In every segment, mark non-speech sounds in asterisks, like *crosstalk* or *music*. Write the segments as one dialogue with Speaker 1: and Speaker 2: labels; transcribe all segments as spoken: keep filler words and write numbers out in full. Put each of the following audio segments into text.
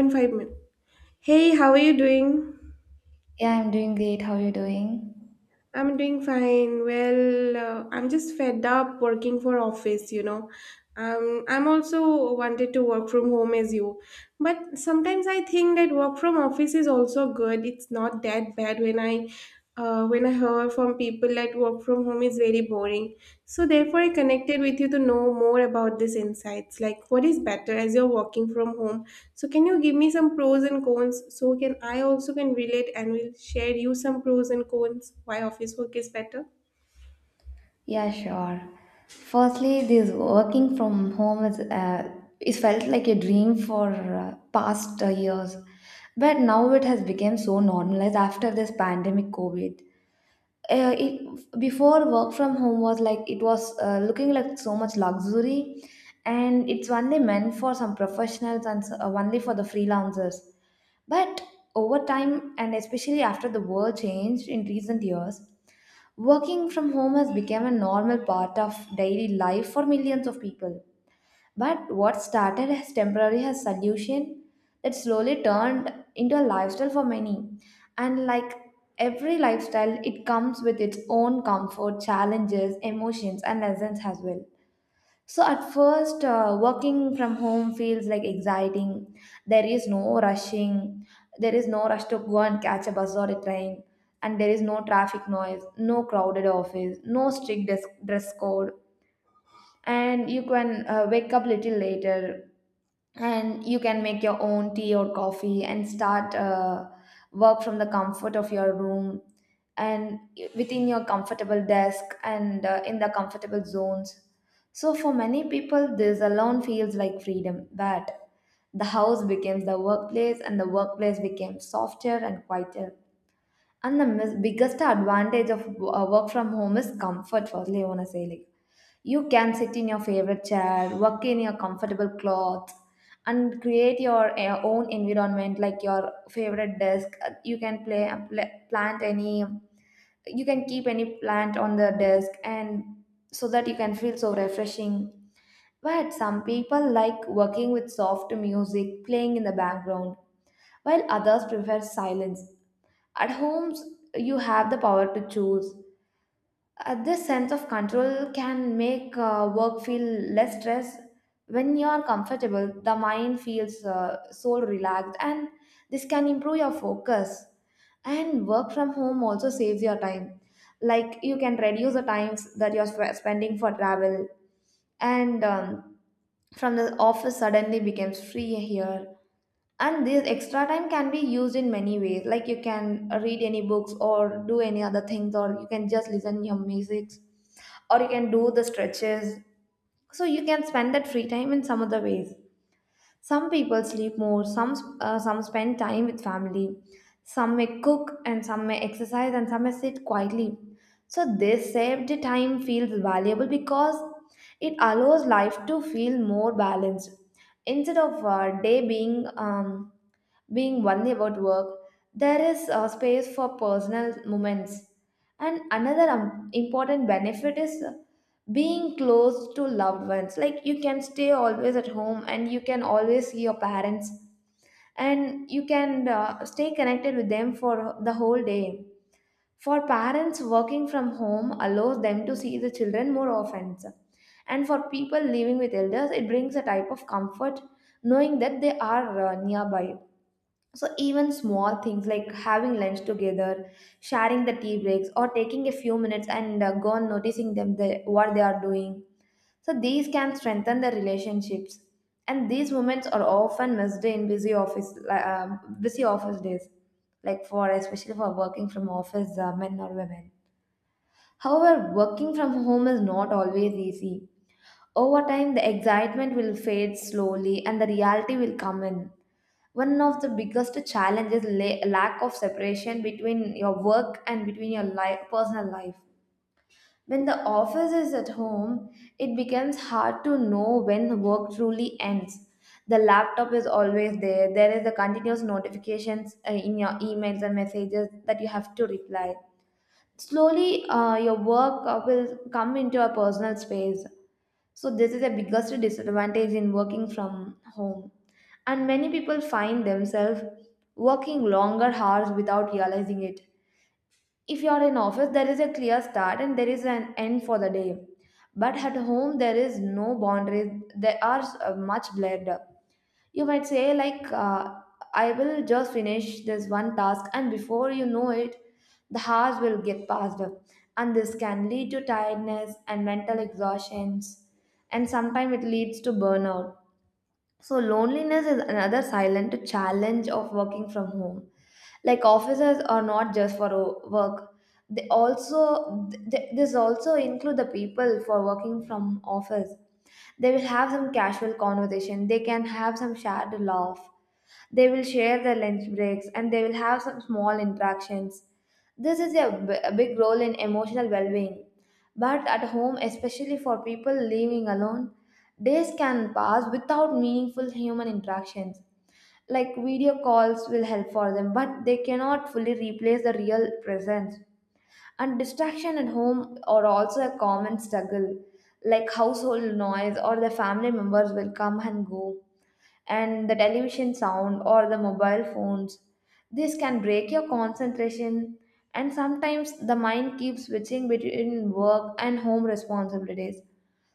Speaker 1: Point five minutes. Hey, how are you doing?
Speaker 2: Yeah, I'm doing great. How are you doing?
Speaker 1: I'm doing fine. Well, uh, I'm just fed up working for office, you know. Um, I'm also wanted to work from home as you. But sometimes I think that work from office is also good. It's not that bad when I uh, when I hear from people that work from home is very boring. So, therefore, I connected with you to know more about these insights. Like, what is better as you're working from home? So, can you give me some pros and cons? So, can I also can relate and will share you some pros and cons why office work is better?
Speaker 2: Yeah, sure. Firstly, this working from home is uh, it felt like a dream for uh, past uh, years, but now it has become so normalized after this pandemic COVID. Uh, it, before work from home was like it was uh, looking like so much luxury, and it's only meant for some professionals and s- uh, only for the freelancers. But over time, and especially after the world changed in recent years, working from home has become a normal part of daily life for millions of people. But what started as temporary as solution that slowly turned into a lifestyle for many. And like every lifestyle, it comes with its own comfort, challenges, emotions, and lessons as well. So at first, uh, working from home feels like exciting. There is no rushing. There is no rush to go and catch a bus or a train. And there is no traffic noise, no crowded office, no strict dress, dress code. And you can uh, wake up little later, and you can make your own tea or coffee and start uh, work from the comfort of your room, and within your comfortable desk and uh, in the comfortable zones. So for many people this alone feels like freedom, but the house becomes the workplace and the workplace becomes softer and quieter. And the mis- biggest advantage of uh, work from home is comfort. Firstly I want to say, like, you can sit in your favorite chair, work in your comfortable clothes, and create your uh, own environment, like your favorite desk. Uh, You can play, pla- plant any, you can keep any plant on the desk, and so that you can feel so refreshing. But some people like working with soft music playing in the background, while others prefer silence. At homes, you have the power to choose. Uh, this sense of control can make uh, work feel less stress. When you are comfortable, the mind feels uh, so relaxed, and this can improve your focus. And work from home also saves your time. Like you can reduce the times that you're sp- spending for travel, and um, from the office suddenly becomes free here. And this extra time can be used in many ways, like you can read any books or do any other things, or you can just listen your music, or you can do the stretches. So you can spend that free time in some other ways. Some people sleep more, some uh, some spend time with family, some may cook and some may exercise and some may sit quietly. So this saved time feels valuable because it allows life to feel more balanced. Instead of uh, day being um, being only about work, there is uh, space for personal moments. And another um, important benefit is uh, being close to loved ones. Like you can stay always at home and you can always see your parents, and you can uh, stay connected with them for the whole day. For parents, working from home allows them to see the children more often. And for people living with elders, it brings a type of comfort knowing that they are uh, nearby. So, even small things like having lunch together, sharing the tea breaks, or taking a few minutes and uh, go on noticing them the, what they are doing. So, these can strengthen the relationships. And these moments are often missed in busy office, li- um busy office days, like for especially for working from office uh, men or women. However, working from home is not always easy. Over time, the excitement will fade slowly, and the reality will come in. One of the biggest challenges, la- lack of separation between your work and between your life, personal life. When the office is at home, it becomes hard to know when work truly ends. The laptop is always there. There is the continuous notifications uh, in your emails and messages that you have to reply. Slowly uh, your work uh, will come into a personal space. So this is the biggest disadvantage in working from home. And many people find themselves working longer hours without realizing it. If you are in office, there is a clear start and there is an end for the day. But at home, there is no boundaries. They are uh, much blurred. You might say, like, uh, I will just finish this one task, and before you know it, the hours will get passed up. And this can lead to tiredness and mental exhaustions, and sometimes it leads to burnout. So loneliness is another silent challenge of working from home. Like offices are not just for o- work. They also th- this also include the people for working from office. They will have some casual conversation. They can have some shared laugh. They will share their lunch breaks and they will have some small interactions. This is a b- a big role in emotional well being. But at home, especially for people living alone, days can pass without meaningful human interactions. Like video calls will help for them, but they cannot fully replace the real presence. And distraction at home are also a common struggle, like household noise or the family members will come and go, and the television sound or the mobile phones. This can break your concentration, and sometimes the mind keeps switching between work and home responsibilities.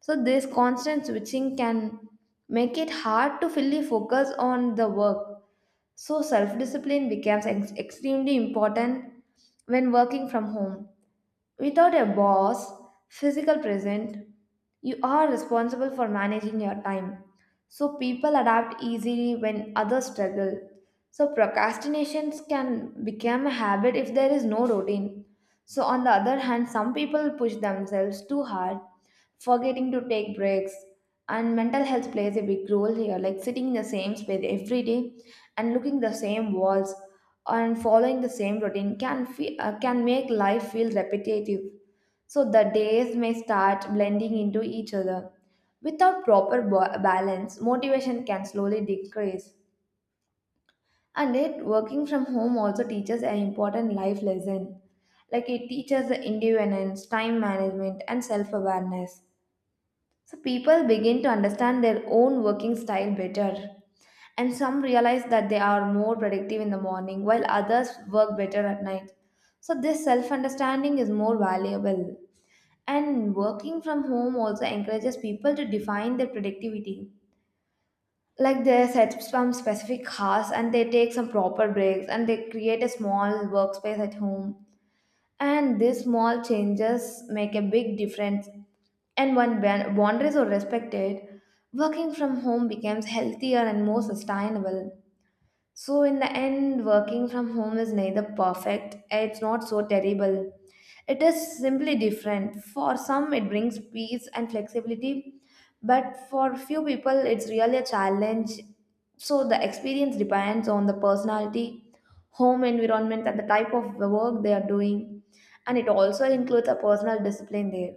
Speaker 2: So, this constant switching can make it hard to fully focus on the work. So, self discipline becomes ex- extremely important when working from home. Without a boss, physical present, you are responsible for managing your time. So people adapt easily when others struggle. So procrastinations can become a habit if there is no routine. So on the other hand, some people push themselves too hard, forgetting to take breaks. And mental health plays a big role here, like sitting in the same space every day and looking the same walls and following the same routine can fe- uh, can make life feel repetitive. So the days may start blending into each other without proper ba- balance. Motivation can slowly decrease. And yet working from home also teaches an important life lesson, like it teaches the independence, time management and self awareness. So people begin to understand their own working style better. And some realize that they are more productive in the morning while others work better at night. So this self understanding is more valuable. And working from home also encourages people to define their productivity. Like they set some specific hours and they take some proper breaks and they create a small workspace at home. And these small changes make a big difference, and when ban- boundaries are respected, working from home becomes healthier and more sustainable. So, in the end, working from home is neither perfect, it's not so terrible. It is simply different. For some, it brings peace and flexibility, but for few people, it's really a challenge. So, the experience depends on the personality, home environment, and the type of work they are doing, and it also includes a personal discipline there.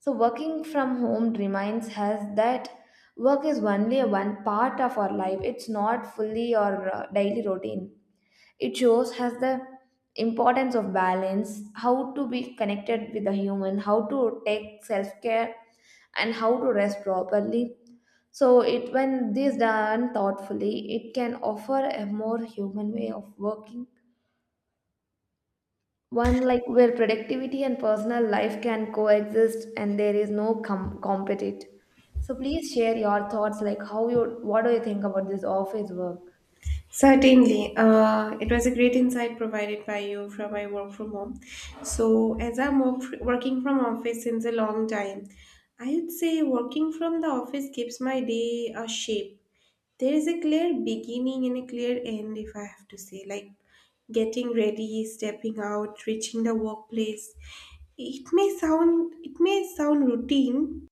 Speaker 2: So working from home reminds us that work is only a one part of our life. It's not fully our uh, daily routine. It shows us the importance of balance, how to be connected with the human, how to take self-care and how to rest properly. So it when this done thoughtfully, it can offer a more human way of working, one like where productivity and personal life can coexist and there is no com- compete. So please share your thoughts, like how you what do you think about this office work?
Speaker 1: Certainly, uh, it was a great insight provided by you from my work from home. So, as I'm work, working from office since a long time, I would say working from the office gives my day a shape. There is a clear beginning and a clear end, if I have to say. Like getting ready, stepping out, reaching the workplace, it may sound it may sound routine,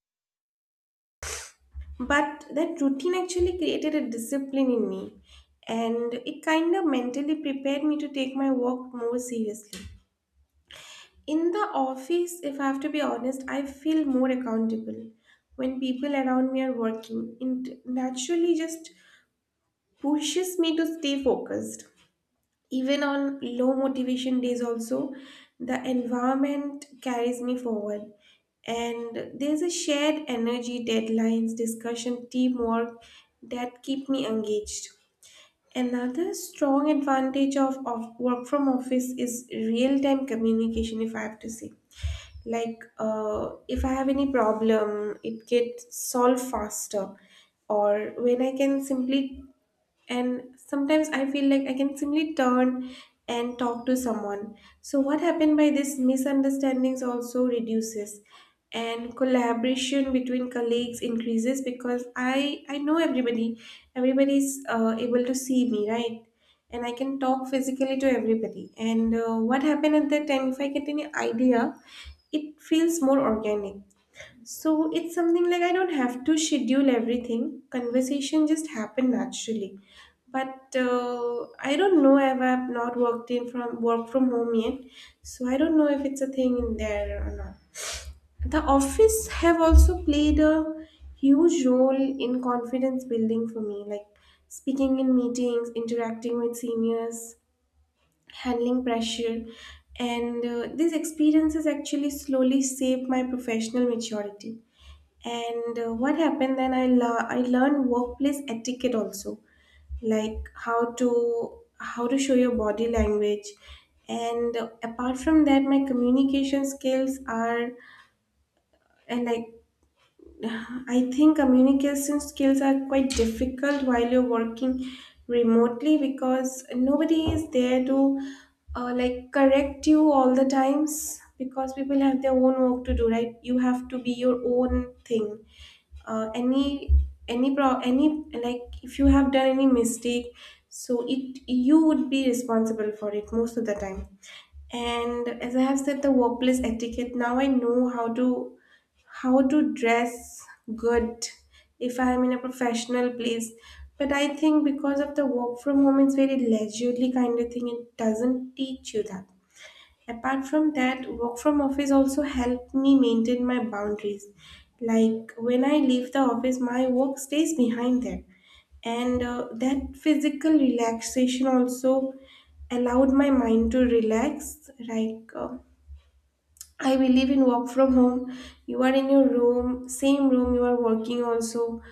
Speaker 1: but that routine actually created a discipline in me, and it kind of mentally prepared me to take my work more seriously. In the office, if I have to be honest, I feel more accountable. When people around me are working, it naturally just pushes me to stay focused. Even on low motivation days, also, the environment carries me forward. And there's a shared energy, deadlines, discussion, teamwork that keep me engaged. Another strong advantage of, of work from office is real time communication, if I have to say. Like, uh, if I have any problem, it gets solved faster. Or when I can simply and sometimes I feel like I can simply turn and talk to someone. So what happened by this, misunderstandings also reduces, and collaboration between colleagues increases because i i know everybody. Everybody is uh, able to see me, right, and I can talk physically to everybody. And uh, what happened at that time, if I get any idea, it feels more organic. So it's something like I don't have to schedule everything. Conversation just happen naturally. But uh, I don't know if I've not worked in from work from home yet, so I don't know if it's a thing in there or not. The office have also played a huge role in confidence building for me, like speaking in meetings, interacting with seniors, handling pressure, and uh, these experiences actually slowly shape my professional maturity. And uh, what happened then? I lear- I learned workplace etiquette also, like how to how to show your body language. And uh, apart from that, my communication skills are. And like *sighs* I think communication skills are quite difficult while you're working remotely because nobody is there to uh, like correct you all the times, because people have their own work to do, right? You have to be your own thing. Uh, any any pro any Like if you have done any mistake, so it, you would be responsible for it most of the time. And as I have said, the workplace etiquette, now I know how to how to dress good if I am in a professional place. But I think because of the work from home, it's very leisurely kind of thing. It doesn't teach you that. Apart from that, work from office also helped me maintain my boundaries. Like when I leave the office, my work stays behind there. And uh, that physical relaxation also allowed my mind to relax. Like uh, I believe in work from home, you are in your room, same room you are working also.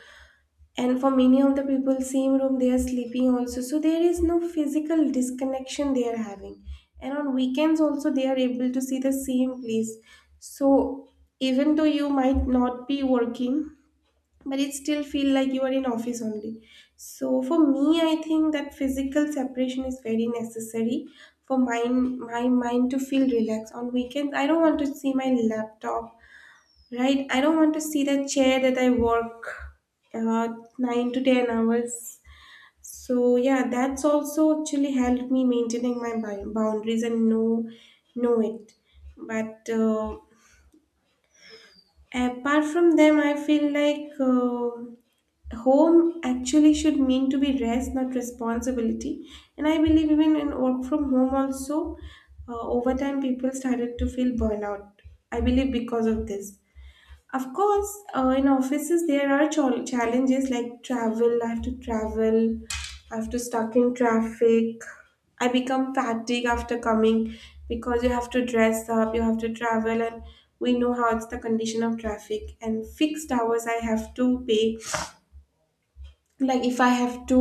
Speaker 1: And for many of the people, same room they are sleeping also. So there is no physical disconnection they are having. And on weekends also they are able to see the same place. So even though you might not be working, but it still feel like you are in office only. So for me, I think that physical separation is very necessary for my my mind to feel relaxed. On weekends, I don't want to see my laptop, right? I don't want to see the chair that I work uh, nine to ten hours. So yeah, that's also actually helped me maintaining my bou- boundaries and know know it. But uh, apart from them, I feel like uh, home actually should mean to be rest, not responsibility. And I believe even in work from home also, uh, over time people started to feel burnout, I believe, because of this. Of course, uh, in offices there are chal- challenges like travel. I have to travel, I have to stuck in traffic, I become fatigued after coming, because you have to dress up, you have to travel, and we know how it's the condition of traffic. And fixed hours I have to pay. Like if I have to,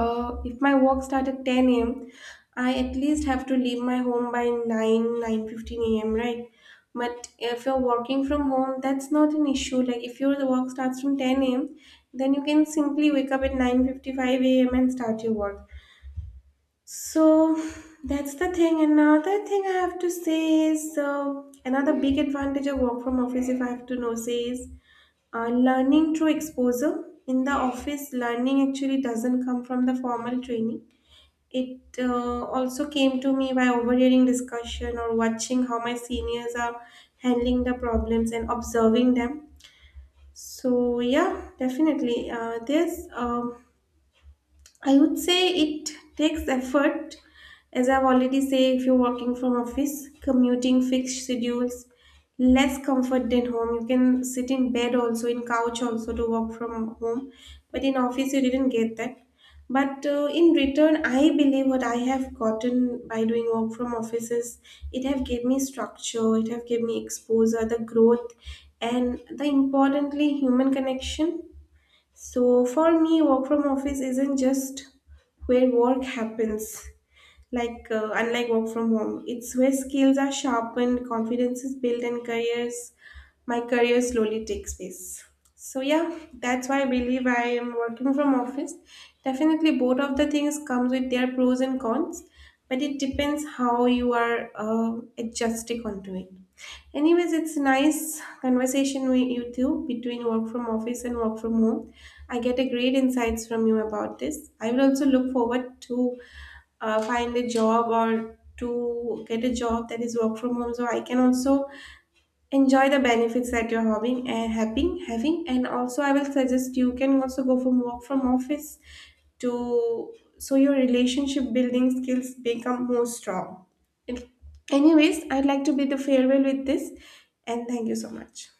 Speaker 1: uh, if my work start at ten a m, I at least have to leave my home by 9 nine fifteen a m, right? But if you're working from home, that's not an issue. Like if your work starts from ten a m, then you can simply wake up at nine fifty-five a m and start your work. So that's the thing. And another thing I have to say is, uh, another big advantage of work from office, if I have to know, say, is uh, learning through exposure. In the office, learning actually doesn't come from the formal training. It uh, also came to me by overhearing discussion or watching how my seniors are handling the problems and observing them. So yeah, definitely. Uh, there's um, I would say it takes effort. As I've already said, if you're working from office, commuting, fixed schedules, less comfort than home. You can sit in bed also, in couch also to work from home. But in office, you didn't get that. But uh, in return, I believe what I have gotten by doing work from offices, it have gave me structure, it have gave me exposure, the growth, and the importantly human connection. So for me, work from office isn't just where work happens, like uh, unlike work from home. It's where skills are sharpened, confidence is built, and careers, my career slowly takes place. So yeah, that's why I believe I am working from office. Definitely, both of the things comes with their pros and cons, but it depends how you are uh, adjusting onto it. Anyways, it's nice conversation with you two between work from office and work from home. I get a great insights from you about this. I will also look forward to uh, find a job or to get a job that is work from home, so I can also enjoy the benefits that you're having, and having having and also I will suggest you can also go from work from office to, so your relationship building skills become more strong. Anyways, I'd like to bid the farewell with this, and thank you so much.